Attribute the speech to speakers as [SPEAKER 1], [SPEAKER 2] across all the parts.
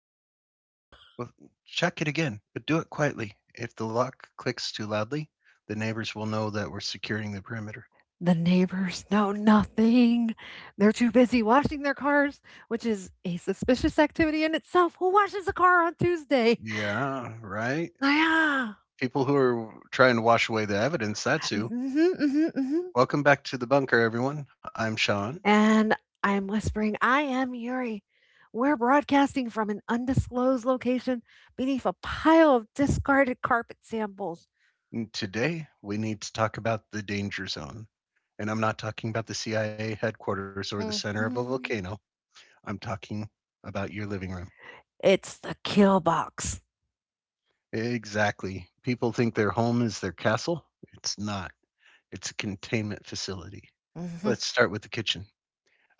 [SPEAKER 1] locked.
[SPEAKER 2] Well, check it again, but do it quietly. If the lock clicks too loudly, the neighbors will know that we're securing the perimeter.
[SPEAKER 1] The neighbors know nothing. They're too busy washing their cars, which is a suspicious activity in itself. Who washes a car on Tuesday?
[SPEAKER 2] Yeah, right.
[SPEAKER 1] Yeah.
[SPEAKER 2] People who are trying to wash away the evidence, that's who.
[SPEAKER 1] Hmm. Hmm. Hmm.
[SPEAKER 2] Welcome back to the bunker, everyone. I'm Sean.
[SPEAKER 1] And I'm whispering, I am Yuri. We're broadcasting from an undisclosed location beneath a pile of discarded carpet samples.
[SPEAKER 2] And Today, we need to talk about the danger zone. And I'm not talking about the CIA headquarters or the center of a
[SPEAKER 1] Hmm.
[SPEAKER 2] volcano. I'm talking about your living room.
[SPEAKER 1] It's the kill box.
[SPEAKER 2] Exactly. People think their home is their castle. It's not. It's a containment facility.
[SPEAKER 1] Hmm.
[SPEAKER 2] Let's start with the kitchen.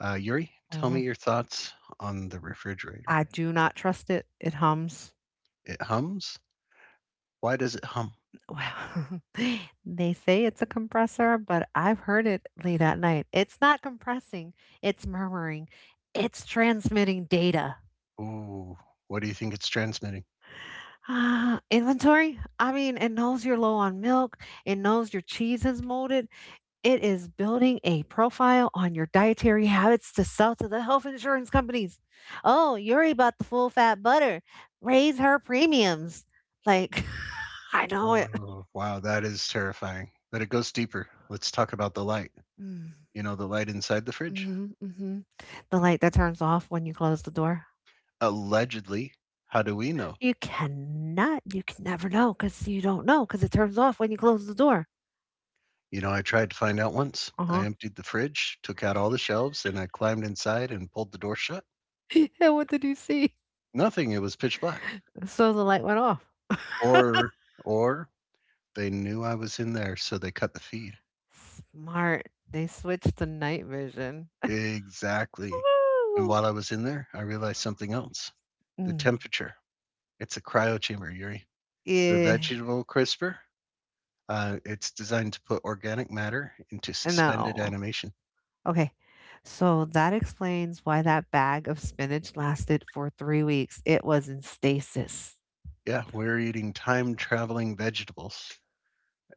[SPEAKER 2] Yuri, tell me
[SPEAKER 1] Hmm.
[SPEAKER 2] your thoughts on the refrigerator.
[SPEAKER 1] I do not trust it. It hums.
[SPEAKER 2] It hums. Why does it hum?
[SPEAKER 1] Well, they say it's a compressor, but I've heard it late at night. It's not compressing, it's murmuring, it's transmitting data.
[SPEAKER 2] Ooh, what do you think it's transmitting?
[SPEAKER 1] Ah, inventory? I mean, it knows you're low on milk, it knows your cheese is molded. It is building a profile on your dietary habits to sell to the health insurance companies. Oh, Yuri bought the full fat butter. Raise her premiums. Like, I know it.
[SPEAKER 2] Oh, wow, that is terrifying. But it goes deeper. Let's talk about the light.
[SPEAKER 1] Mm.
[SPEAKER 2] You know, the light inside the fridge?
[SPEAKER 1] Mhm, mhm. The light that turns off when you close the door.
[SPEAKER 2] Allegedly. How do we know?
[SPEAKER 1] You can never know, cause you don't know, cause it turns off when you close the door.
[SPEAKER 2] You know, I tried to find out once. I
[SPEAKER 1] Uh-huh.
[SPEAKER 2] emptied the fridge, took out all the shelves, and I climbed inside and pulled the door shut.
[SPEAKER 1] And what did you see?
[SPEAKER 2] Nothing, it was pitch black.
[SPEAKER 1] So the light went off.
[SPEAKER 2] Or they knew I was in there, so they cut the feed.
[SPEAKER 1] Smart. They switched to night vision.
[SPEAKER 2] Exactly. And
[SPEAKER 1] Ooh.
[SPEAKER 2] while I was in there, I realized something else. The
[SPEAKER 1] Mm.
[SPEAKER 2] temperature. It's a cryo chamber, Yuri. The
[SPEAKER 1] Yeah.
[SPEAKER 2] vegetable crisper, it's designed to put organic matter into suspended
[SPEAKER 1] No.
[SPEAKER 2] animation.
[SPEAKER 1] Okay. So that explains why that bag of spinach lasted for 3 weeks. It was in stasis.
[SPEAKER 2] Yeah, we're eating time traveling vegetables.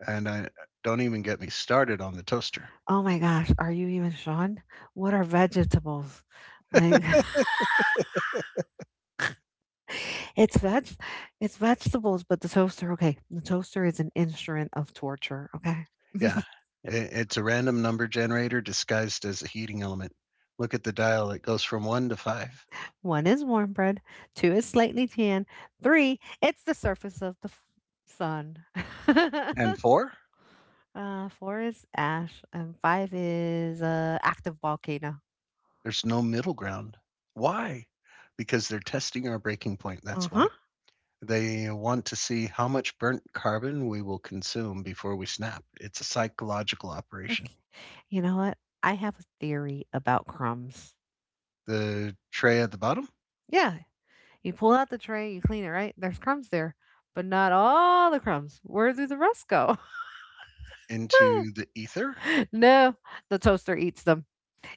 [SPEAKER 2] And I Don't even get me started on the toaster.
[SPEAKER 1] Oh my gosh, are you even Sean? What are vegetables? Like it's veg it's vegetables, but the toaster, okay, the toaster is an instrument of torture, okay?
[SPEAKER 2] Yeah. I It's a random number generator disguised as a heating element. Look at the dial, it goes from 1 to 5.
[SPEAKER 1] One is warm bread, two is slightly tan, three, it's the surface of the sun.
[SPEAKER 2] And 4?
[SPEAKER 1] Four is ash, and five is active volcano.
[SPEAKER 2] There's no middle ground. Why? Because they're testing our breaking point, that's
[SPEAKER 1] Uh-huh.
[SPEAKER 2] why. They want to see how much burnt carbon we will consume before we snap. It's a psychological operation.
[SPEAKER 1] Okay. You know what? I have a theory about crumbs.
[SPEAKER 2] The tray at the bottom?
[SPEAKER 1] Yeah, you pull out the tray, you clean it, right? There's crumbs there, but not all the crumbs. Where do the rest go?
[SPEAKER 2] Into the ether?
[SPEAKER 1] No, the toaster eats them.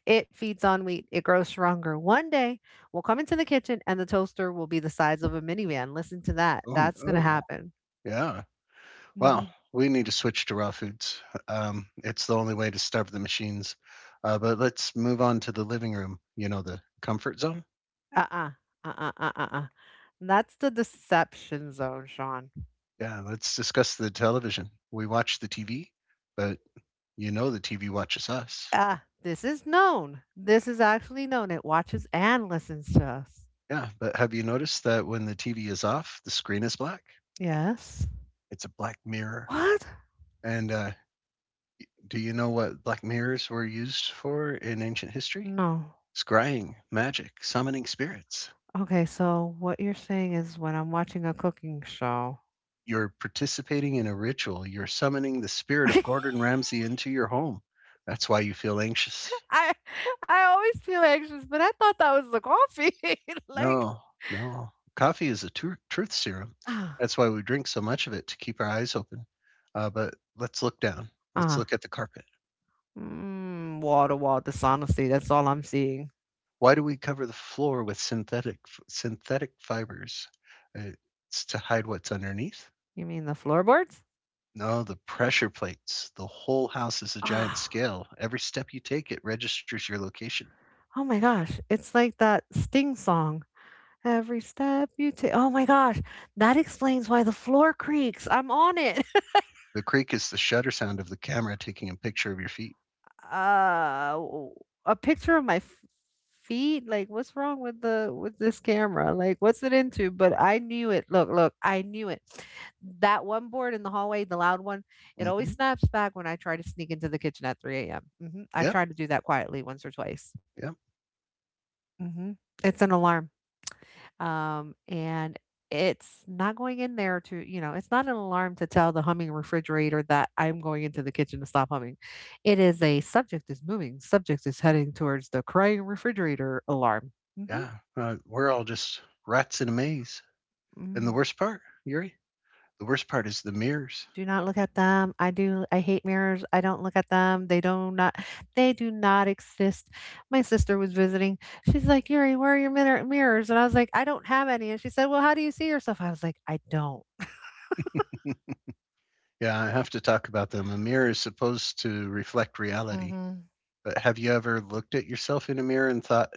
[SPEAKER 1] It feeds on wheat. It grows stronger. One day, we'll come into the kitchen and the toaster will be the size of a minivan. Listen to that.
[SPEAKER 2] Oh,
[SPEAKER 1] That's going to
[SPEAKER 2] no.
[SPEAKER 1] happen.
[SPEAKER 2] Yeah. Wow,
[SPEAKER 1] Hmm.
[SPEAKER 2] we need to switch to raw foods. It's the only way to starve the machines. But let's move on to the living room, you know, the comfort zone.
[SPEAKER 1] Uh-uh, uh. Uh uh uh uh. That's the deception zone, Sean.
[SPEAKER 2] Yeah, let's discuss the television. We watch the TV, but you know the TV watches us.
[SPEAKER 1] Ah, this is known. This is actually known. It watches and listens to us.
[SPEAKER 2] Yeah, but have you noticed that when the TV is off, the screen is black?
[SPEAKER 1] Yes.
[SPEAKER 2] It's a black mirror.
[SPEAKER 1] What?
[SPEAKER 2] And do you know what black mirrors were used for in ancient history?
[SPEAKER 1] No.
[SPEAKER 2] Scrying, magic, summoning spirits.
[SPEAKER 1] Okay, so what you're saying is when I'm watching a cooking show,
[SPEAKER 2] You're participating in a ritual, you're summoning the spirit of Gordon Ramsay into your home. That's why you feel anxious.
[SPEAKER 1] I I always feel anxious, but I thought that was the coffee. Like,
[SPEAKER 2] No, no. Coffee is a truth serum.
[SPEAKER 1] ah
[SPEAKER 2] That's why we drink so much of it to keep our eyes open. But let's look down. Let's
[SPEAKER 1] ah
[SPEAKER 2] look at the carpet.
[SPEAKER 1] wall to wall dishonesty. That's all I'm seeing.
[SPEAKER 2] Why do we cover the floor with synthetic fibers? Uh, It's to hide what's underneath.
[SPEAKER 1] You mean the floorboards?
[SPEAKER 2] No, the pressure plates. The whole house is a giant
[SPEAKER 1] Ah,
[SPEAKER 2] scale. Every step you take, it registers your location.
[SPEAKER 1] oh my gosh. It's like that Sting song. Every step you take. Oh my gosh. That explains why the floor creaks. I'm on it.
[SPEAKER 2] The creak is the shutter sound of the camera taking a picture of your feet.
[SPEAKER 1] A picture of my feet? Like, what's wrong with the with this camera? Like, what's it into? But I knew it. Look, look, I knew it. That one board in the hallway, the loud one, it
[SPEAKER 2] Mhm.
[SPEAKER 1] always
[SPEAKER 2] Mhm.
[SPEAKER 1] snaps back when I try to sneak into the kitchen at 3 a.m. Hmm. I've
[SPEAKER 2] Yep,
[SPEAKER 1] tried to do that quietly once or twice.
[SPEAKER 2] yep,
[SPEAKER 1] Hmm. It's an alarm. And it's not going in there to, it's not an alarm to tell the humming refrigerator that I'm going into the kitchen to stop humming. It is a subject is moving, subject is heading towards the crying refrigerator alarm. Hmm.
[SPEAKER 2] yeah. We're all just rats in a maze. And the
[SPEAKER 1] Mm.
[SPEAKER 2] worst part, Yuri, the worst part is the mirrors.
[SPEAKER 1] Do not look at them. I do. I hate mirrors. I don't look at them. They do not. They do not exist. My sister was visiting. She's like, Yuri, where are your mirrors? And I was like, I don't have any. And she said, Well, how do you see yourself? I was like, I don't.
[SPEAKER 2] Yeah, I have to talk about them. A mirror is supposed to reflect reality.
[SPEAKER 1] Mm-hmm.
[SPEAKER 2] But have you ever looked at yourself in a mirror and thought,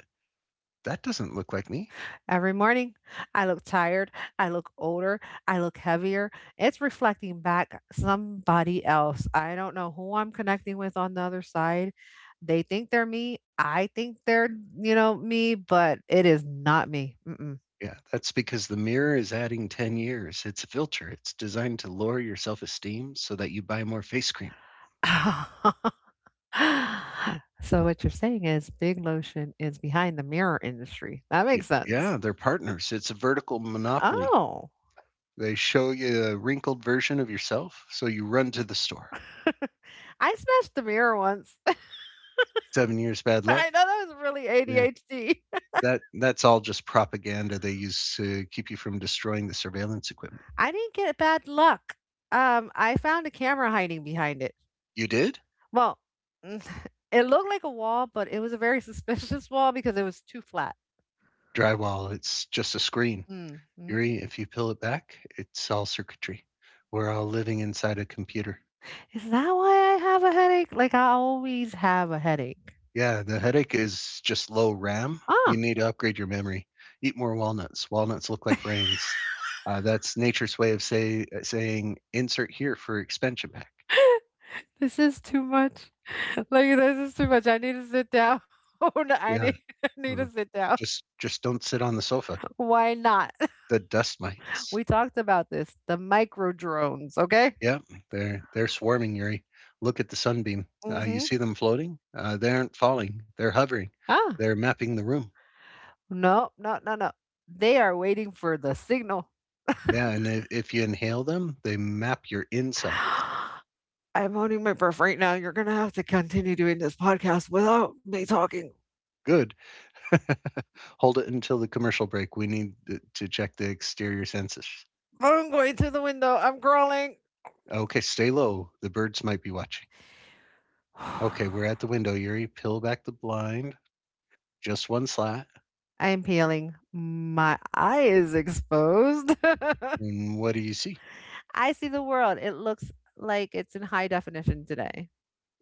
[SPEAKER 2] that doesn't look like me?
[SPEAKER 1] Every morning, I look tired, I look older, I look heavier. It's reflecting back somebody else. I don't know who I'm connecting with on the other side. They think they're me. I think they're, me, but it is not me. Mm-mm.
[SPEAKER 2] Yeah, that's because the mirror is adding 10 years. It's a filter. It's designed to lower your self esteem so that you buy more face cream.
[SPEAKER 1] So what you're saying is Big Lotion is behind the mirror industry. That makes sense.
[SPEAKER 2] Yeah, they're partners. It's a vertical monopoly.
[SPEAKER 1] Oh,
[SPEAKER 2] They show you a wrinkled version of yourself, so you run to the store.
[SPEAKER 1] I smashed the mirror once.
[SPEAKER 2] 7 years bad luck.
[SPEAKER 1] I know that was really
[SPEAKER 2] Yeah,
[SPEAKER 1] ADHD.
[SPEAKER 2] that's all just propaganda they use to keep you from destroying the surveillance equipment.
[SPEAKER 1] I didn't get bad luck. I found a camera hiding behind it.
[SPEAKER 2] You did
[SPEAKER 1] Well, mm, it looked like a wall, but it was a very suspicious wall because it was too flat.
[SPEAKER 2] drywall. It's just a screen.
[SPEAKER 1] Mhm.
[SPEAKER 2] Yuri, if you peel it back, it's all circuitry. We're all living inside a computer.
[SPEAKER 1] Is that why I have a headache? Like I always have a headache.
[SPEAKER 2] Yeah, the headache is just low RAM.
[SPEAKER 1] Ah,
[SPEAKER 2] You need to upgrade your memory. Eat more walnuts. Walnuts look like brains. That's nature's way of saying insert here for expansion pack.
[SPEAKER 1] this is too much. Like this is too much. I need to sit down. Oh, no, I
[SPEAKER 2] Yeah.
[SPEAKER 1] need I need
[SPEAKER 2] Mm.
[SPEAKER 1] to sit down.
[SPEAKER 2] Just don't sit on the sofa.
[SPEAKER 1] Why not?
[SPEAKER 2] The dust mites.
[SPEAKER 1] We talked about this. The micro drones, okay?
[SPEAKER 2] Yeah, they're swarming, Yuri. Look at the sunbeam. You
[SPEAKER 1] Mhm.
[SPEAKER 2] see them floating? They aren't falling. They're hovering.
[SPEAKER 1] Ah,
[SPEAKER 2] They're mapping the room.
[SPEAKER 1] no, no, no, no. They are waiting for the signal.
[SPEAKER 2] Yeah, and if you inhale them, they map your insides.
[SPEAKER 1] I'm holding my breath right now. You're gonna have to continue doing this podcast without me talking.
[SPEAKER 2] Good. Hold it until the commercial break. We need to check the exterior census.
[SPEAKER 1] I'm going to the window. I'm crawling.
[SPEAKER 2] Okay, stay low. The birds might be watching. Okay, we're at the window, Yuri. Peel back the blind. Just one slat.
[SPEAKER 1] I am peeling. My eye is exposed.
[SPEAKER 2] And what do you see?
[SPEAKER 1] I see the world. It looks like it's in high definition today.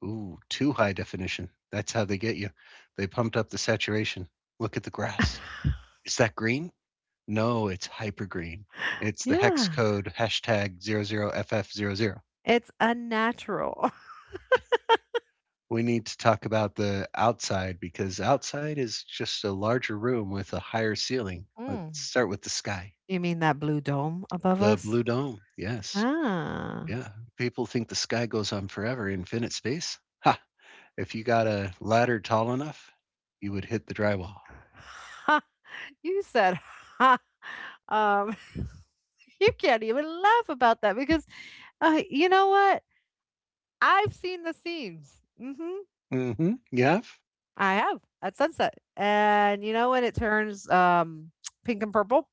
[SPEAKER 2] Ooh, too high definition. That's how they get you. They pumped up the saturation. Look at the grass. Is that green? No, it's hyper green. It's the hex
[SPEAKER 1] Yeah.
[SPEAKER 2] code #00FF00.
[SPEAKER 1] It's unnatural.
[SPEAKER 2] We need to talk about the outside because outside is just a larger room with a higher ceiling. Let's
[SPEAKER 1] Mm.
[SPEAKER 2] start with the sky.
[SPEAKER 1] You mean that blue dome above
[SPEAKER 2] The
[SPEAKER 1] us?
[SPEAKER 2] blue dome. Yes.
[SPEAKER 1] Ah.
[SPEAKER 2] Yeah. People think the sky goes on forever, infinite space. Ha! If you got a ladder tall enough, you would hit the drywall.
[SPEAKER 1] You said, "Ha." Um, you can't even laugh about that because, you know what? I've seen the scenes.
[SPEAKER 2] Mm hmm. You have?
[SPEAKER 1] I have at sunset, and you know when it turns pink and purple.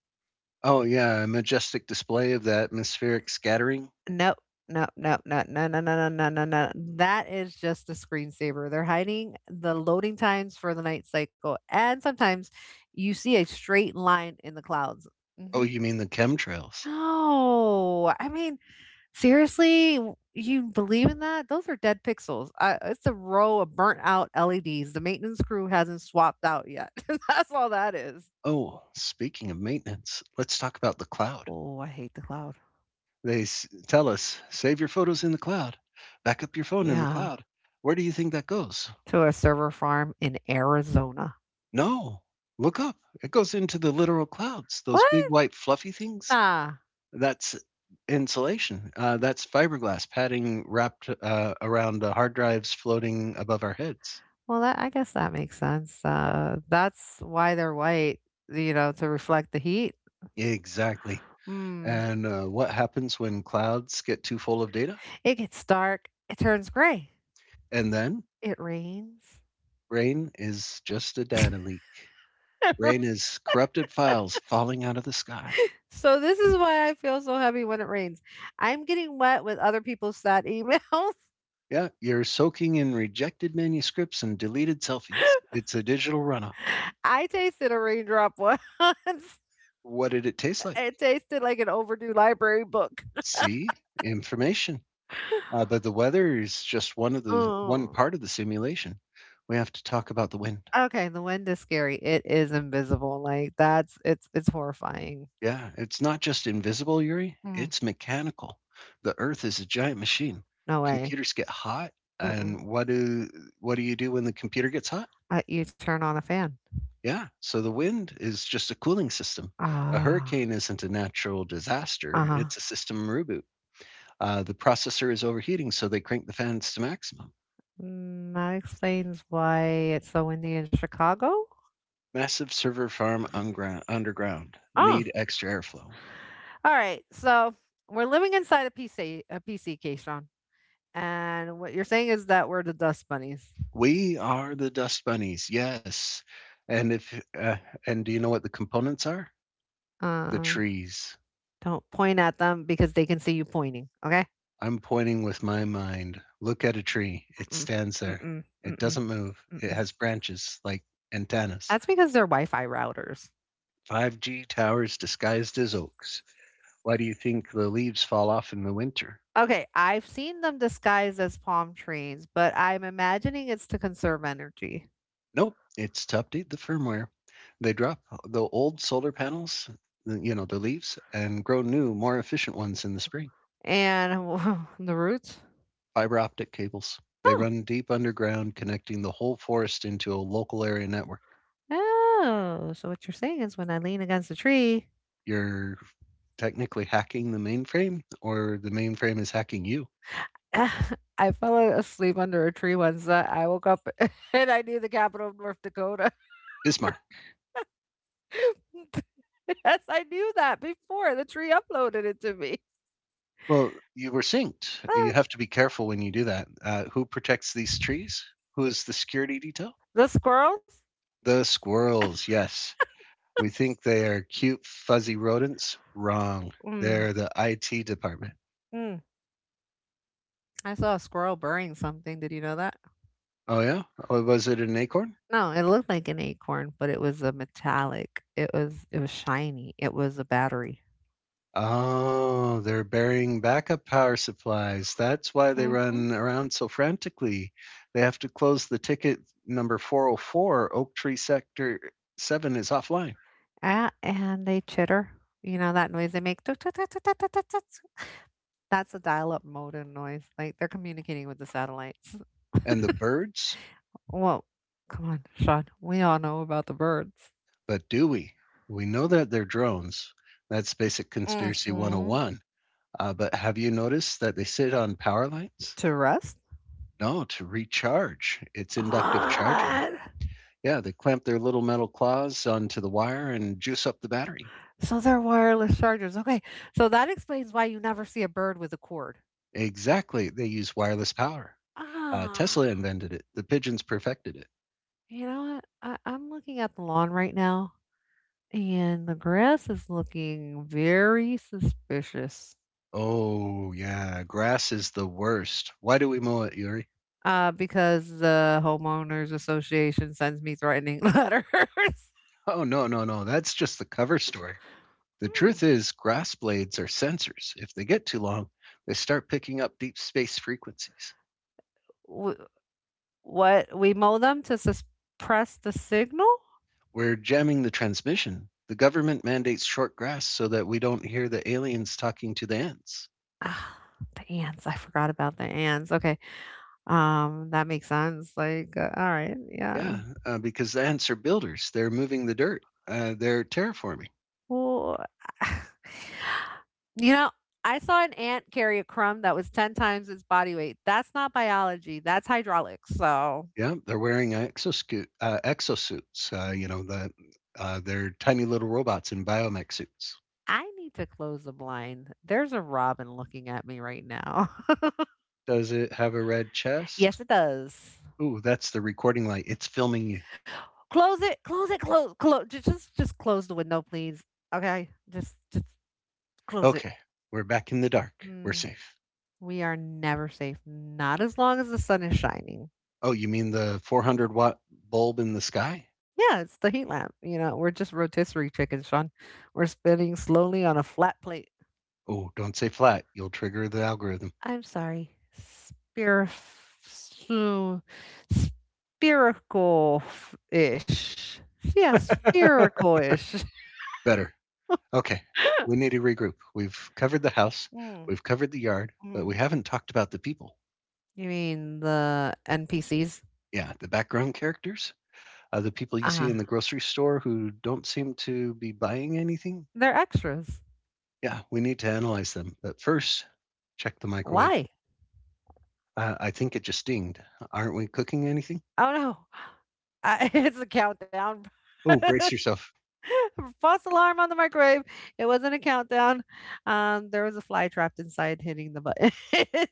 [SPEAKER 2] Oh, yeah, a majestic display of the atmospheric scattering.
[SPEAKER 1] No, no, no, no, no, no, no, no, no, no, no. That is just a screensaver. They're hiding the loading times for the night cycle, and sometimes you see a straight line in the clouds.
[SPEAKER 2] Oh,
[SPEAKER 1] Hmm.
[SPEAKER 2] you mean the chemtrails.
[SPEAKER 1] No, I mean, seriously? You believe in that? Those are dead pixels. I it's a row of burnt out LEDs. The maintenance crew hasn't swapped out yet. That's all that is.
[SPEAKER 2] Oh, speaking of maintenance, let's talk about the cloud.
[SPEAKER 1] Oh, I hate the cloud.
[SPEAKER 2] They tell us save your photos in the cloud, back up your phone in the
[SPEAKER 1] Yeah,
[SPEAKER 2] cloud. Where do you think that goes?
[SPEAKER 1] to a server farm in Arizona.
[SPEAKER 2] No, look up. It goes into the literal clouds, those
[SPEAKER 1] What?
[SPEAKER 2] big white fluffy things.
[SPEAKER 1] Nah.
[SPEAKER 2] That's insulation. That's fiberglass padding wrapped around hard drives floating above our heads.
[SPEAKER 1] Well, that I guess that makes sense. That's why they're white, to reflect the heat.
[SPEAKER 2] Exactly.
[SPEAKER 1] Hmm.
[SPEAKER 2] And, what happens when clouds get too full of data?
[SPEAKER 1] It gets dark. It turns gray.
[SPEAKER 2] And then
[SPEAKER 1] It rains.
[SPEAKER 2] rain is just a data leak. Rain is corrupted files falling out of the sky.
[SPEAKER 1] So this is why I feel so heavy when it rains. I'm getting wet with other people's sad emails.
[SPEAKER 2] Yeah, you're soaking in rejected manuscripts and deleted selfies. It's a digital runoff.
[SPEAKER 1] I tasted a raindrop once.
[SPEAKER 2] What did it taste like?
[SPEAKER 1] It tasted like an overdue library book.
[SPEAKER 2] See? Information. But the weather is just one
[SPEAKER 1] Oh,
[SPEAKER 2] part of the simulation. We have to talk about the wind.
[SPEAKER 1] okay. The wind is scary. It is invisible. Like that's it's horrifying.
[SPEAKER 2] Yeah, it's not just invisible, Yuri,
[SPEAKER 1] Mm,
[SPEAKER 2] it's mechanical. The Earth is a giant machine.
[SPEAKER 1] no way.
[SPEAKER 2] Computers get hot,
[SPEAKER 1] Mm-mm.
[SPEAKER 2] and what do you do when the computer gets hot?
[SPEAKER 1] You turn on a fan.
[SPEAKER 2] Yeah, so the wind is just a cooling system. A
[SPEAKER 1] Ah,
[SPEAKER 2] hurricane isn't a natural disaster,
[SPEAKER 1] huh.
[SPEAKER 2] it's a system reboot. The processor is overheating, so they crank the fans to maximum.
[SPEAKER 1] Mm, that explains why it's so windy in Chicago.
[SPEAKER 2] Massive server farm underground.
[SPEAKER 1] Oh,
[SPEAKER 2] Need extra airflow.
[SPEAKER 1] all right. So we're living inside a PC, a PC, Keyshawn. And what you're saying is that we're the dust bunnies.
[SPEAKER 2] We are the dust bunnies, yes. And if and do you know what the components are? The
[SPEAKER 1] Uh,
[SPEAKER 2] trees.
[SPEAKER 1] don't point at them because they can see you pointing. Okay.
[SPEAKER 2] I'm pointing with my mind. Look at a tree. It
[SPEAKER 1] Mm-mm,
[SPEAKER 2] stands there.
[SPEAKER 1] mm-mm,
[SPEAKER 2] It
[SPEAKER 1] mm-mm,
[SPEAKER 2] doesn't move. It
[SPEAKER 1] mm-mm.
[SPEAKER 2] has branches like antennas.
[SPEAKER 1] That's because they're Wi-Fi routers.
[SPEAKER 2] 5G towers disguised as oaks. Why do you think the leaves fall off in the winter?
[SPEAKER 1] Okay, I've seen them disguised as palm trees, but I'm imagining it's to conserve energy.
[SPEAKER 2] Nope, it's to update the firmware. They drop the old solar panels, you know, the leaves, and grow new, more efficient ones in the spring.
[SPEAKER 1] And the roots?
[SPEAKER 2] Fiber optic cables. They
[SPEAKER 1] Oh,
[SPEAKER 2] run deep underground, connecting the whole forest into a local area network.
[SPEAKER 1] oh. So what you're saying is when I lean against a tree,
[SPEAKER 2] Your technically hacking the mainframe or the mainframe is hacking you?
[SPEAKER 1] I fell asleep under a tree once that I woke up and I knew the capital of North Dakota.
[SPEAKER 2] Ismar.
[SPEAKER 1] Yes, I knew that before the tree uploaded it to me.
[SPEAKER 2] Well, you were synced. You
[SPEAKER 1] Ah,
[SPEAKER 2] have to be careful when you do that. Who protects these trees? Who is the security detail?
[SPEAKER 1] the squirrels?
[SPEAKER 2] The squirrels, yes. We think they are cute, fuzzy rodents. Wrong.
[SPEAKER 1] Mm,
[SPEAKER 2] They're the IT department.
[SPEAKER 1] mm. I saw a squirrel burying something. Did you know that?
[SPEAKER 2] Oh, yeah? Oh, was it an acorn?
[SPEAKER 1] No, it looked like an acorn, but it was a metallic. It was shiny. It was a battery.
[SPEAKER 2] Oh, they're burying backup power supplies. That's why they
[SPEAKER 1] Mhm.
[SPEAKER 2] run around so frantically. They have to close the ticket number 404. Oak Tree Sector 7 is offline.
[SPEAKER 1] Ah, and they chitter. You know that noise they make? Tuk, tuk, tuk, tuk, tuk, tuk, tuk, tuk. That's a dial-up modem noise, like, they're communicating with the satellites.
[SPEAKER 2] And the birds?
[SPEAKER 1] Well, come on, Sean, we all know about the birds.
[SPEAKER 2] But do we? We know that they're drones. That's basic
[SPEAKER 1] Mm.
[SPEAKER 2] conspiracy
[SPEAKER 1] Mhm.
[SPEAKER 2] 101. But have you noticed that they sit on power lines?
[SPEAKER 1] To rest?
[SPEAKER 2] No, to recharge. It's inductive charging.
[SPEAKER 1] What?
[SPEAKER 2] Yeah, they clamp their little metal claws onto the wire and juice up the battery.
[SPEAKER 1] So they're wireless chargers, okay, so that explains why you never see a bird with a cord.
[SPEAKER 2] Exactly, they use wireless power. Tesla
[SPEAKER 1] Ah,
[SPEAKER 2] invented it. The pigeons perfected it.
[SPEAKER 1] you know what? I'm looking at the lawn right now, and the grass is looking very suspicious,
[SPEAKER 2] Oh, yeah, grass is the worst. Why do we mow it, Yuri?
[SPEAKER 1] uh, because the homeowners association sends me threatening letters.
[SPEAKER 2] Oh, no, no, no, that's just the cover story. The
[SPEAKER 1] Hmm.
[SPEAKER 2] truth is, grass blades are sensors. If they get too long, they start picking up deep space frequencies.
[SPEAKER 1] W- what we mow them to suppress the signal?
[SPEAKER 2] We're jamming the transmission. The government mandates short grass so that we don't hear the aliens talking to the ants.
[SPEAKER 1] Ah, the ants. I forgot about the ants. Okay, that makes sense. Like, all right, yeah.
[SPEAKER 2] Yeah, because the ants are builders. They're moving the dirt, they're terraforming.
[SPEAKER 1] Well, you know, I saw an ant carry a crumb that was 10 times its body weight. That's not biology. That's hydraulics. So.
[SPEAKER 2] Yeah, they're wearing exoscoot exosuits,
[SPEAKER 1] mm,
[SPEAKER 2] you know, they're tiny little robots in biomech suits.
[SPEAKER 1] I need to close the blind. There's a robin looking at me right now.
[SPEAKER 2] Does it have a red
[SPEAKER 1] Yes,
[SPEAKER 2] chest?
[SPEAKER 1] it does.
[SPEAKER 2] Ooh, that's the recording light. It's filming you.
[SPEAKER 1] Close it. Close it. Close. Close. Just close the window, please. Okay. Just close it.
[SPEAKER 2] Okay, we're back in the dark. We're
[SPEAKER 1] Mm,
[SPEAKER 2] safe.
[SPEAKER 1] we are never safe. Not as long as the sun is shining.
[SPEAKER 2] Oh, you mean the 400-watt bulb in the sky?
[SPEAKER 1] Yeah, it's the heat lamp. You know, we're just rotisserie chickens, Sean. We're spinning slowly on a flat plate.
[SPEAKER 2] Oh, don't say flat. You'll trigger the algorithm.
[SPEAKER 1] I'm sorry. Spherical ish. Yeah, spherical ish.
[SPEAKER 2] Better. Okay, we need to regroup. We've covered the house,
[SPEAKER 1] Mm,
[SPEAKER 2] we've covered the yard, but
[SPEAKER 1] mm.
[SPEAKER 2] we haven't talked about the people.
[SPEAKER 1] You mean the NPCs?
[SPEAKER 2] Yeah, the background characters. The people
[SPEAKER 1] Uh
[SPEAKER 2] you see in the
[SPEAKER 1] huh.
[SPEAKER 2] grocery store who don't seem to be buying anything.
[SPEAKER 1] They're extras.
[SPEAKER 2] Yeah, we need to analyze them. But first, check the microwave.
[SPEAKER 1] Why?
[SPEAKER 2] I think it just dinged. Aren't we cooking anything?
[SPEAKER 1] Oh no. It's a countdown.
[SPEAKER 2] Oh, brace yourself.
[SPEAKER 1] False alarm on the microwave. It wasn't a countdown. There was a fly trapped inside hitting the button.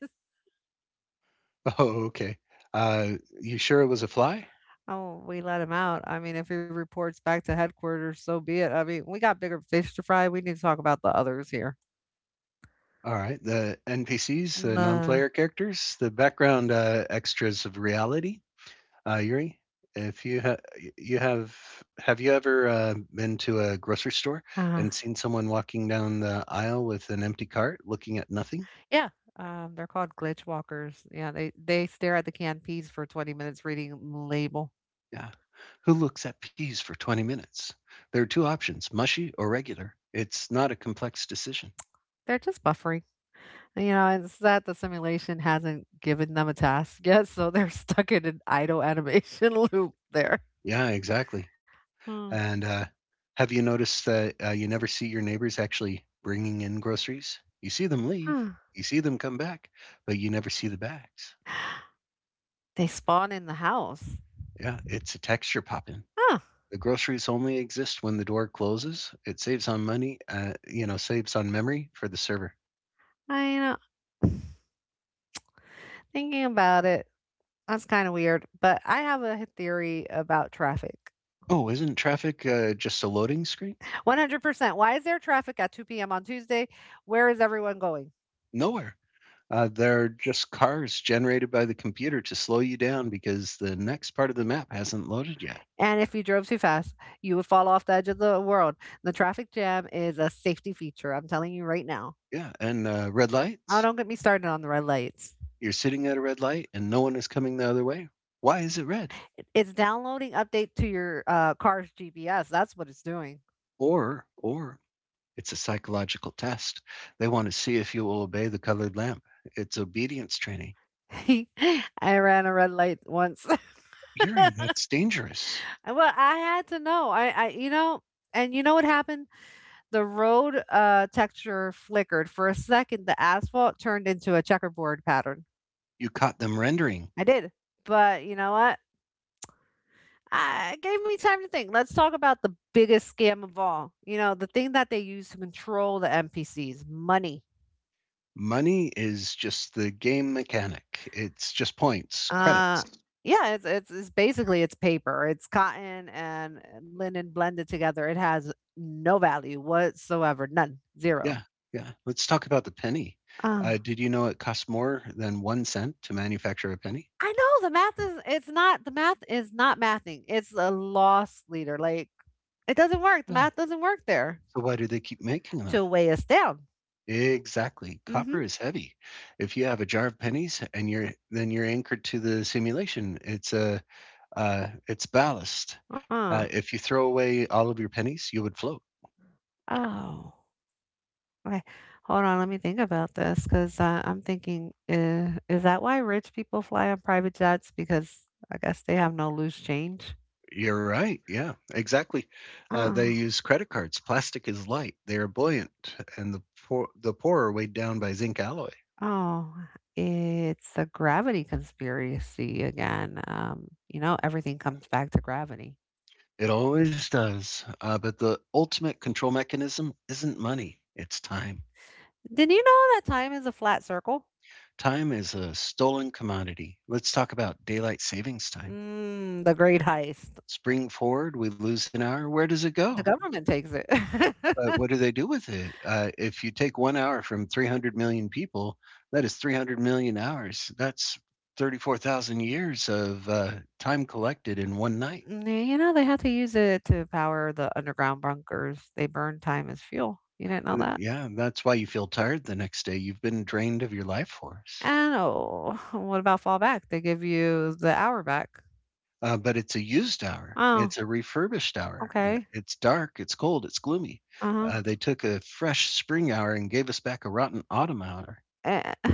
[SPEAKER 2] Oh, okay. You sure it was a fly?
[SPEAKER 1] Oh, we let him out. I mean, if he reports back to headquarters, so be it. I mean, we got bigger fish to fry. We need to talk about the others here.
[SPEAKER 2] All right. The NPCs, the non
[SPEAKER 1] The
[SPEAKER 2] player characters, the background extras of reality. Yuri, if you ha- you have you ever been to a grocery store
[SPEAKER 1] uh,
[SPEAKER 2] and seen someone walking down the aisle with an empty cart looking at nothing?
[SPEAKER 1] yeah, they're called glitch walkers. Yeah, they stare at the canned peas for 20 minutes reading the label.
[SPEAKER 2] Yeah. Who looks at peas for 20 minutes? There are two options, mushy or regular. It's not a complex decision.
[SPEAKER 1] They're just buffering. It's that the simulation hasn't given them a task yet, so they're stuck in an idle animation loop there.
[SPEAKER 2] Yeah, exactly.
[SPEAKER 1] Huh.
[SPEAKER 2] And have you noticed that you never see your neighbors actually bringing in groceries? You see them leave,
[SPEAKER 1] Huh.
[SPEAKER 2] you see them come back, but you never see the bags.
[SPEAKER 1] They spawn in the house.
[SPEAKER 2] Yeah, it's a texture pop in.
[SPEAKER 1] Huh.
[SPEAKER 2] The groceries only exist when the door closes. It saves on money, saves on memory for the server.
[SPEAKER 1] I, you know, Thinking about it, that's kind of weird, but I have a theory about traffic.
[SPEAKER 2] Oh, isn't traffic just a loading screen?
[SPEAKER 1] 100%. Why is there traffic at 2 p.m. on Tuesday? Where is everyone going?
[SPEAKER 2] Nowhere. They're just cars generated by the computer to slow you down because the next part of the map hasn't loaded yet.
[SPEAKER 1] And if you drove too fast, you would fall off the edge of the world. The traffic jam is a safety feature. I'm telling you right now.
[SPEAKER 2] Yeah, and red
[SPEAKER 1] Oh,
[SPEAKER 2] lights.
[SPEAKER 1] don't get me started on the red lights.
[SPEAKER 2] You're sitting at a red light and no one is coming the other way. Why is it red?
[SPEAKER 1] It's downloading update to your, car's GPS, that's what it's doing.
[SPEAKER 2] Or it's a psychological test. They want to see if you will obey the colored lamp. It's obedience training.
[SPEAKER 1] I ran a red light once.
[SPEAKER 2] Yuri, that's dangerous.
[SPEAKER 1] Well, I had to know, I and you know what happened? The road, texture flickered. For a second, the asphalt turned into a checkerboard pattern.
[SPEAKER 2] You caught them rendering.
[SPEAKER 1] I did, but you know what? I It gave me time to think. Let's talk about the biggest scam of all, you know, the thing that they use to control the NPCs, money.
[SPEAKER 2] Money is just the game mechanic. It's just points,
[SPEAKER 1] Uh,
[SPEAKER 2] credits.
[SPEAKER 1] yeah, it's basically it's paper. It's cotton and linen blended together. It has no value whatsoever. None. Zero.
[SPEAKER 2] Yeah, yeah. Let's talk about the penny.
[SPEAKER 1] Ah.
[SPEAKER 2] Did you know it costs more than 1¢ to manufacture a penny?
[SPEAKER 1] I know the math is not mathing. It's a loss leader. Like it doesn't work. The
[SPEAKER 2] No.
[SPEAKER 1] math doesn't work there
[SPEAKER 2] So why do they keep making them?
[SPEAKER 1] to weigh us down.
[SPEAKER 2] Exactly.
[SPEAKER 1] Mm-hmm.
[SPEAKER 2] Copper is heavy. If you have a jar of pennies and you're anchored to the simulation, it's a it's ballast.
[SPEAKER 1] Uh,
[SPEAKER 2] If you throw away all of your pennies, you would float.
[SPEAKER 1] oh. Okay. Hold on, let me think about this because I'm thinking, is that why rich people fly on private jets? Because I guess they have no loose change.
[SPEAKER 2] You're right, yeah, exactly.
[SPEAKER 1] Oh.
[SPEAKER 2] They use credit cards. Plastic is light, they are buoyant, and the poor are weighed down by zinc alloy.
[SPEAKER 1] Oh, it's the gravity conspiracy again. You know, everything comes back to gravity.
[SPEAKER 2] It always does. But the ultimate control mechanism isn't money, it's time.
[SPEAKER 1] Did you know that time is a flat circle?
[SPEAKER 2] Time is a stolen commodity. Let's talk about daylight savings time.
[SPEAKER 1] Mm, the great heist.
[SPEAKER 2] Spring forward, we lose an hour. Where does it
[SPEAKER 1] The
[SPEAKER 2] go?
[SPEAKER 1] government takes it.
[SPEAKER 2] But what do they do with it? If you take 1 hour from 300,000,000 people, that is 300,000,000 hours. That's 34,000 years of, time collected in 1 night.
[SPEAKER 1] Mm, you know, they had to use it to power the underground bunkers. They burn time as fuel. You didn't know that?
[SPEAKER 2] Yeah, that's why you feel tired the next day. You've been drained of your life force.
[SPEAKER 1] And oh, what about fallback? They give you the hour back.
[SPEAKER 2] But it's a used hour.
[SPEAKER 1] Oh,
[SPEAKER 2] It's a refurbished hour.
[SPEAKER 1] okay.
[SPEAKER 2] It's dark, it's cold, it's gloomy.
[SPEAKER 1] Uh huh.
[SPEAKER 2] They took a fresh spring hour and gave us back a rotten autumn hour.
[SPEAKER 1] Eh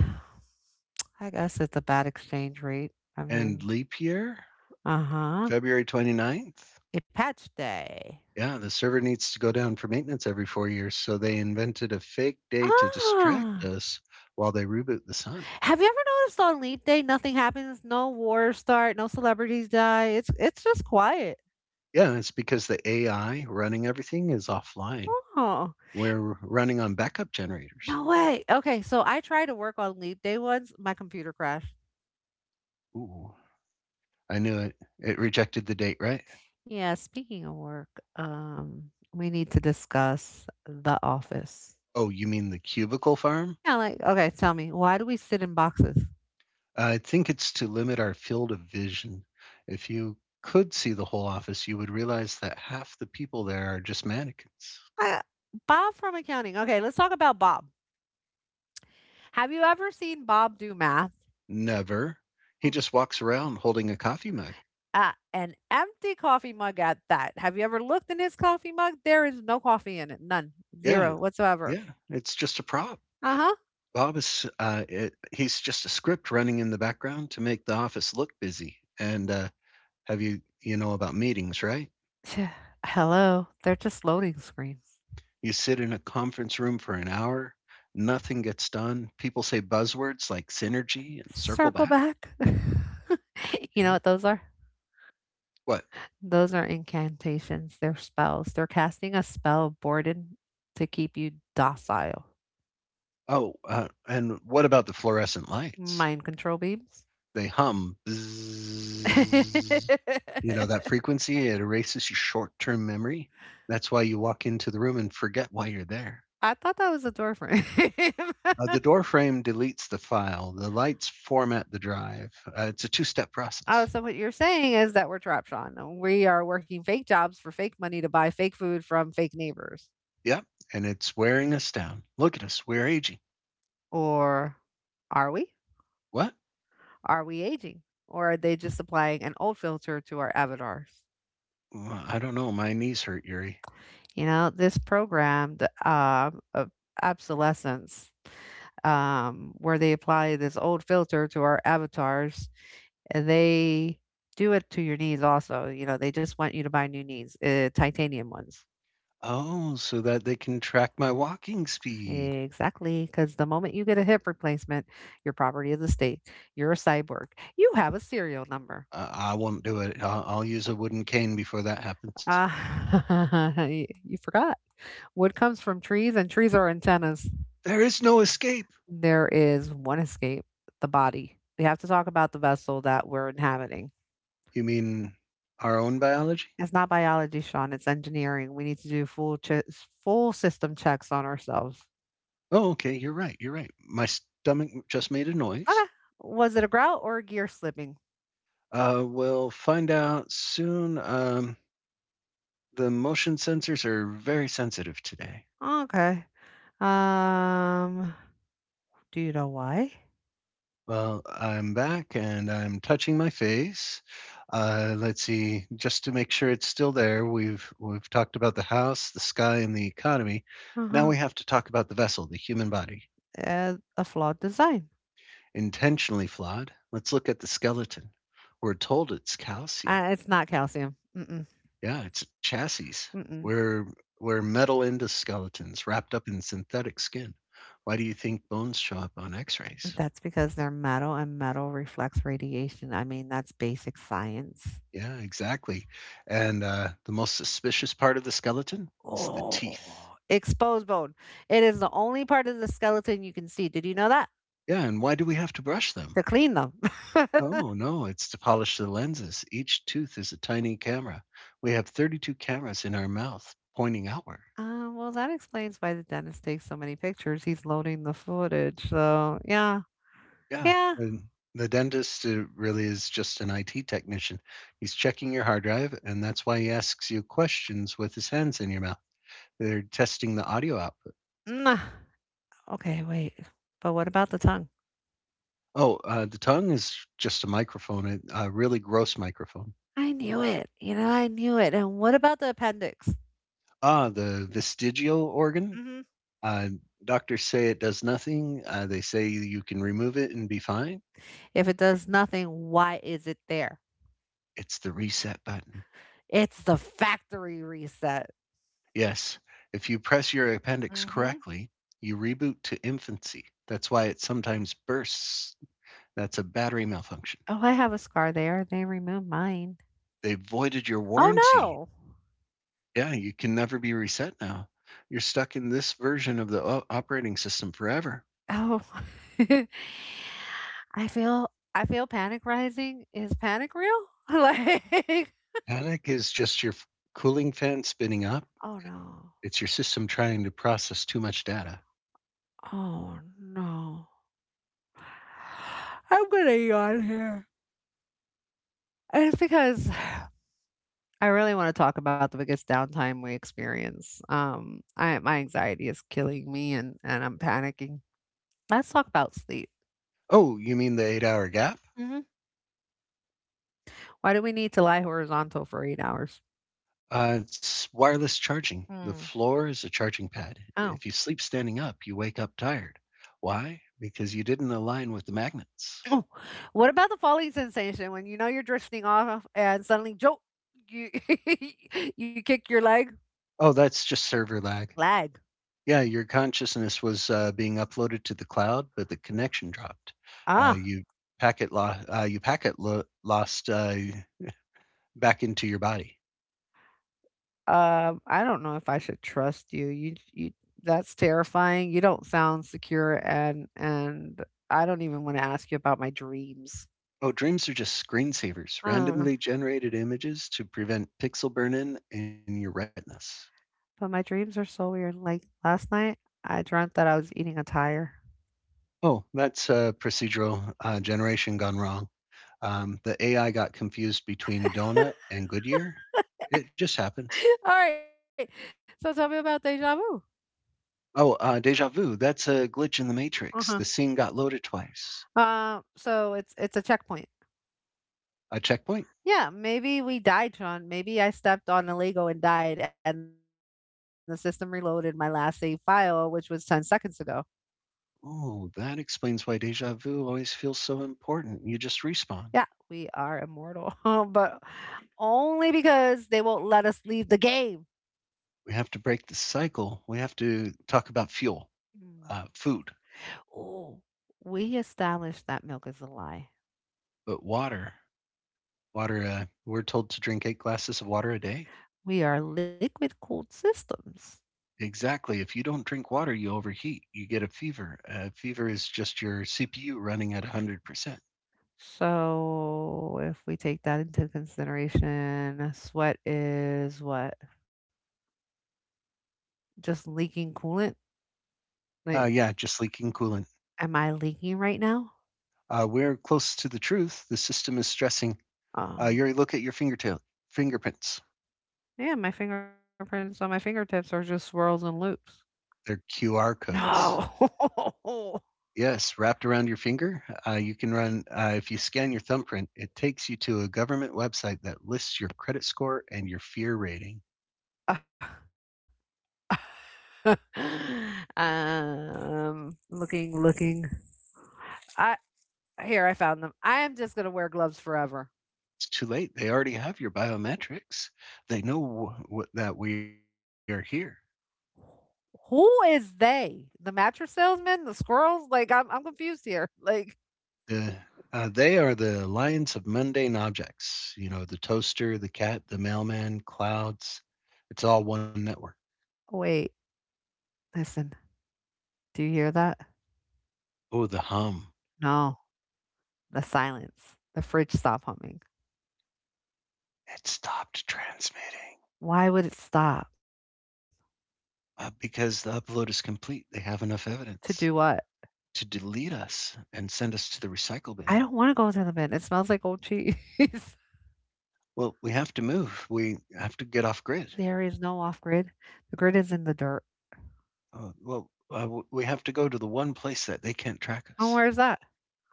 [SPEAKER 1] I guess it's a bad exchange rate. I
[SPEAKER 2] And
[SPEAKER 1] mean.
[SPEAKER 2] leap year?
[SPEAKER 1] Uh-huh.
[SPEAKER 2] February 29th?
[SPEAKER 1] A patch day.
[SPEAKER 2] Yeah, the server needs to go down for maintenance every 4 years, so they invented a fake day to distract
[SPEAKER 1] Ah!
[SPEAKER 2] us while they reboot the sun.
[SPEAKER 1] Have you ever noticed on leap day, nothing happens, no wars start, no celebrities die, it's just quiet.
[SPEAKER 2] Yeah, it's because the AI running everything is offline.
[SPEAKER 1] Oh,
[SPEAKER 2] We're running on backup generators.
[SPEAKER 1] no way. Okay, so I tried to work on leap day once, my computer crashed.
[SPEAKER 2] Ooh, I knew it. It rejected the date, right?
[SPEAKER 1] Yeah, speaking of work, um, we need to discuss The Office.
[SPEAKER 2] Oh, you mean the cubicle farm?
[SPEAKER 1] Yeah, like, okay, tell me, why do we sit in boxes?
[SPEAKER 2] I think it's to limit our field of vision. If you could see the whole office, you would realize that half the people there are just mannequins.
[SPEAKER 1] I, Bob from accounting. Okay, let's talk about Bob. Have you ever seen Bob do math
[SPEAKER 2] Never. He just walks around holding a coffee mug.
[SPEAKER 1] at an empty coffee mug at that? Have you ever looked in his coffee mug? There is no coffee in it. None.
[SPEAKER 2] Yeah,
[SPEAKER 1] Zero whatsoever.
[SPEAKER 2] yeah, it's just a prop.
[SPEAKER 1] Uh
[SPEAKER 2] Bob is, it he's just a script running in the background to make the office look busy. And, have you you know about meetings, right?
[SPEAKER 1] huh. Hello. They're just loading screens.
[SPEAKER 2] You sit in a conference room for an hour, nothing gets done. People say buzzwords like synergy and circle
[SPEAKER 1] Circle
[SPEAKER 2] back.
[SPEAKER 1] back. You know
[SPEAKER 2] Yeah.
[SPEAKER 1] what those are?
[SPEAKER 2] What?
[SPEAKER 1] Those are incantations. They're spells. They're casting a spell, Borden, to keep you docile.
[SPEAKER 2] Oh, and what about the fluorescent lights?
[SPEAKER 1] Mind control beams.
[SPEAKER 2] They hum. Bzzz. That frequency, it erases your short-term memory. That's why you walk into the room and forget why you're there.
[SPEAKER 1] I thought that was a door frame.
[SPEAKER 2] The door frame deletes the file. The lights format the drive. It's a two-step
[SPEAKER 1] Oh,
[SPEAKER 2] process.
[SPEAKER 1] so what you're saying is that we're trap Sean. We are working fake jobs for fake money to buy fake food from fake neighbors.
[SPEAKER 2] Yep, and it's wearing us down. Look at us. We're aging.
[SPEAKER 1] Or are we?
[SPEAKER 2] What?
[SPEAKER 1] Are we aging? Or are they just applying an old filter to our avatars?
[SPEAKER 2] Well, I don't know. My knees hurt, Yuri.
[SPEAKER 1] You know, this program of obsolescence, where they apply this old filter to our avatars, and they do it to your knees also. You know, they just want you to buy new knees, titanium ones.
[SPEAKER 2] Oh, so that they can track my walking speed.
[SPEAKER 1] Exactly, because the moment you get a hip replacement, your property is a state. You're a cyborg. You have a serial number.
[SPEAKER 2] I won't do it. I'll use a wooden cane before that happens.
[SPEAKER 1] Ah, y- you forgot. Wood comes from trees, and trees are antennas.
[SPEAKER 2] There is no escape.
[SPEAKER 1] There is one escape the body. We have to talk about the vessel that we're inhabiting.
[SPEAKER 2] You mean our own biology?
[SPEAKER 1] It's not biology, Sean. It's engineering. We need to do full system checks on ourselves.
[SPEAKER 2] Oh, okay, you're right, you're right. My stomach just made a noise.
[SPEAKER 1] Okay. Was it a grout or a gear slipping?
[SPEAKER 2] We'll find out soon. The motion sensors are very sensitive today.
[SPEAKER 1] Okay. Um. Do you know why?
[SPEAKER 2] Well, I'm back and I'm touching my face. Let's see, just to make sure it's still there. We've talked about the house, the sky, and the economy. Now we have to talk about the vessel, the human body.
[SPEAKER 1] As a flawed design.
[SPEAKER 2] Intentionally flawed. Let's look at the skeleton. We're told it's calcium.
[SPEAKER 1] It's not calcium. Mm-mm,
[SPEAKER 2] Yeah, it's a chassis.
[SPEAKER 1] mm-mm.
[SPEAKER 2] We're we're metal endoskeletons wrapped up in synthetic skin. Why do you think bones show up on X-rays?
[SPEAKER 1] That's because they're metal and metal reflects radiation. I mean, that's basic science.
[SPEAKER 2] Yeah, exactly. And the most suspicious part of the skeleton is the teeth.
[SPEAKER 1] Oh, exposed bone. It is the only part of the skeleton you can see. Did you know that?
[SPEAKER 2] Yeah, and why do we have to brush them?
[SPEAKER 1] To clean them.
[SPEAKER 2] Oh no, it's to polish the lenses. Each tooth is a tiny camera. We have 32 cameras in our mouth pointing outward.
[SPEAKER 1] Well, that explains why the dentist takes so many pictures. He's loading the footage. So, yeah.
[SPEAKER 2] Yeah,
[SPEAKER 1] Yeah.
[SPEAKER 2] and the dentist, really is just an IT technician. He's checking your hard drive, and that's why he asks you questions with his hands in your mouth. They're testing the audio output.
[SPEAKER 1] Mwah. Okay, wait. But what about the tongue?
[SPEAKER 2] Oh, the tongue is just a microphone, a really gross microphone.
[SPEAKER 1] I knew it. You know, I knew it. And what about the appendix?
[SPEAKER 2] Ah, the vestigial organ.
[SPEAKER 1] Hmm.
[SPEAKER 2] Uh, Doctors say it does nothing. They say you can remove it and be fine.
[SPEAKER 1] If it does nothing, why is it there?
[SPEAKER 2] It's the reset button.
[SPEAKER 1] It's the factory reset.
[SPEAKER 2] Yes. If you press your appendix
[SPEAKER 1] Mhm.
[SPEAKER 2] correctly, you reboot to infancy. That's why it sometimes bursts. That's a battery malfunction.
[SPEAKER 1] Oh, I have a scar there. They removed mine.
[SPEAKER 2] They voided your
[SPEAKER 1] Oh
[SPEAKER 2] warranty.
[SPEAKER 1] no.
[SPEAKER 2] Yeah, you can never be reset now. You're stuck in this version of the operating system forever.
[SPEAKER 1] Oh. I feel panic rising. Is panic real? Like,
[SPEAKER 2] Panic is just your cooling fan spinning up.
[SPEAKER 1] oh no.
[SPEAKER 2] It's your system trying to process too much data.
[SPEAKER 1] Oh no. I'm gonna yawn here. And it's because I really want to talk about the biggest downtime we experience. I My anxiety is killing me and I'm panicking. Let's talk about sleep.
[SPEAKER 2] Oh, you mean the 8 hour gap?
[SPEAKER 1] Mhm. Why do we need to lie horizontal for 8 hours?
[SPEAKER 2] It's wireless charging.
[SPEAKER 1] Mm.
[SPEAKER 2] The floor is a charging pad.
[SPEAKER 1] Oh.
[SPEAKER 2] If you sleep standing up, you wake up tired. Why? Because you didn't align with the magnets.
[SPEAKER 1] Oh, what about the falling sensation when you know you're drifting off and suddenly jolt, you you kick your leg?
[SPEAKER 2] Oh, that's just server lag.
[SPEAKER 1] Lag.
[SPEAKER 2] Yeah, your consciousness was being uploaded to the cloud, but the connection dropped. Uh,
[SPEAKER 1] Ah,
[SPEAKER 2] you you packet lost back into your body.
[SPEAKER 1] I don't know if I should trust you. You that's terrifying. You don't sound secure and I don't even wanna ask you about my dreams.
[SPEAKER 2] Oh, dreams are just screensavers,
[SPEAKER 1] Uh,
[SPEAKER 2] randomly generated images to prevent pixel burn-in in your retinas.
[SPEAKER 1] but my dreams are so weird. Like last night, I dreamt that I was eating a tire.
[SPEAKER 2] Oh, that's a procedural generation gone wrong. The AI got confused between Donut and Goodyear. It just happens.
[SPEAKER 1] Alright, so tell me about déjà vu.
[SPEAKER 2] Oh, deja vu. That's a glitch in the
[SPEAKER 1] Uh-huh.
[SPEAKER 2] matrix. The scene got loaded twice.
[SPEAKER 1] So it's a checkpoint.
[SPEAKER 2] A checkpoint?
[SPEAKER 1] Yeah, maybe we died, Sean. Maybe I stepped on a Lego and died, and the system reloaded my last save file, which was 10 seconds ago.
[SPEAKER 2] Oh, that explains why deja vu always feels so important. You just respawn.
[SPEAKER 1] Yeah, we are immortal, but only because they won't let us leave the game.
[SPEAKER 2] We have to break the cycle. We have to talk about fuel,
[SPEAKER 1] Mm.
[SPEAKER 2] food,
[SPEAKER 1] Oh, we established that milk is a lie.
[SPEAKER 2] but water. Water, we're told to drink 8 glasses of water a day.
[SPEAKER 1] We are liquid cooled systems.
[SPEAKER 2] Exactly. If you don't drink water, you overheat. You get a fever. Fever is just your CPU running at 100%.
[SPEAKER 1] So if we take that into consideration, sweat is what? Just leaking coolant? Like,
[SPEAKER 2] Yeah, just leaking coolant.
[SPEAKER 1] am I leaking right now?
[SPEAKER 2] We're close to the truth. The system is stressing.
[SPEAKER 1] Oh,
[SPEAKER 2] You look at your fingertail fingerprints.
[SPEAKER 1] yeah, my fingerprints on my fingertips are just swirls and loops.
[SPEAKER 2] They're QR codes.
[SPEAKER 1] No.
[SPEAKER 2] Yes, wrapped around your finger. You can run. If you scan your thumbprint, it takes you to a government website that lists your credit score and your fear rating.
[SPEAKER 1] Looking. I Here I found them. I am just gonna wear gloves forever.
[SPEAKER 2] It's too late. They already have your biometrics. They know that we are here.
[SPEAKER 1] Who is they? The mattress salesman? The squirrels? Like I'm confused here. Like,
[SPEAKER 2] The, they are the alliance of mundane objects. You know, the toaster, the cat, the mailman, clouds. It's all one network.
[SPEAKER 1] wait. Listen, do you hear that?
[SPEAKER 2] Oh, the hum.
[SPEAKER 1] No, the silence. The fridge stopped humming.
[SPEAKER 2] It stopped transmitting
[SPEAKER 1] Why would it stop?
[SPEAKER 2] because the upload is complete. They have enough
[SPEAKER 1] To
[SPEAKER 2] evidence
[SPEAKER 1] do what?
[SPEAKER 2] to delete us and send us to the recycle bin.
[SPEAKER 1] I don't want to go to the bin. It smells like old cheese.
[SPEAKER 2] Well, we have to move. We have to get off grid.
[SPEAKER 1] There is no off grid. The grid is in the dirt.
[SPEAKER 2] Oh, well, we have to go to the one place that they can't track
[SPEAKER 1] Oh,
[SPEAKER 2] us,
[SPEAKER 1] where's that?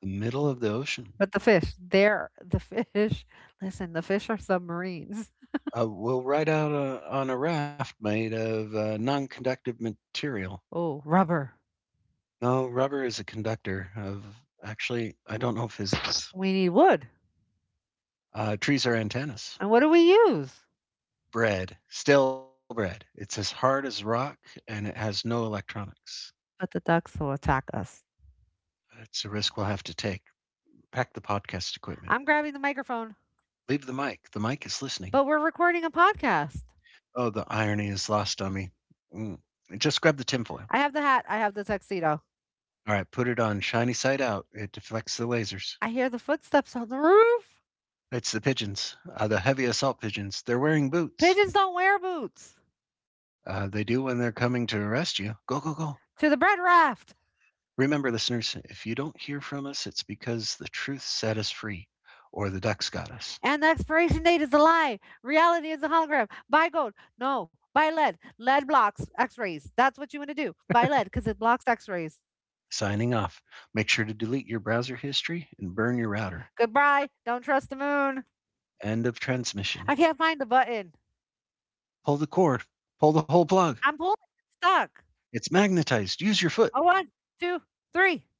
[SPEAKER 2] the middle of the ocean.
[SPEAKER 1] But the fish, there, the fish. Listen, the fish are submarines.
[SPEAKER 2] We'll ride out on a raft made of non-conductive material.
[SPEAKER 1] Oh, rubber.
[SPEAKER 2] No, rubber is a conductor of. Actually, I don't know physics.
[SPEAKER 1] We need wood.
[SPEAKER 2] Trees are antennas.
[SPEAKER 1] And what do we use?
[SPEAKER 2] Bread, stale bread. It's as hard as rock, and it has no electronics.
[SPEAKER 1] But the ducks will attack us.
[SPEAKER 2] It's a risk we'll have to take. Pack the podcast equipment.
[SPEAKER 1] I'm grabbing the microphone,
[SPEAKER 2] Leave the mic. The mic is listening.
[SPEAKER 1] but we're recording a podcast.
[SPEAKER 2] Oh, the irony is lost on me. Mm. Just grab the tinfoil.
[SPEAKER 1] I have the hat. I have the tuxedo.
[SPEAKER 2] All right, put it on shiny side out. It deflects the lasers.
[SPEAKER 1] I hear the footsteps on the roof.
[SPEAKER 2] It's the pigeons, the heavy assault pigeons. They're wearing boots.
[SPEAKER 1] Pigeons don't wear boots.
[SPEAKER 2] They do when they're coming to arrest you. Go, go, go.
[SPEAKER 1] To the bread raft.
[SPEAKER 2] Remember, listeners, if you don't hear from us, it's because the truth set us free or the ducks got us.
[SPEAKER 1] And the expiration date is a lie. Reality is a hologram. Buy gold. No, buy lead. Lead blocks x rays. That's what you want to do. Buy lead because it blocks x rays.
[SPEAKER 2] Signing off. Make sure to delete your browser history and burn your router.
[SPEAKER 1] Goodbye. Don't trust the moon.
[SPEAKER 2] End of transmission.
[SPEAKER 1] I can't find the button.
[SPEAKER 2] Pull the cord. Pull the whole plug.
[SPEAKER 1] I'm pulling. It's stuck.
[SPEAKER 2] It's magnetized. Use your foot.
[SPEAKER 1] A one, two, three.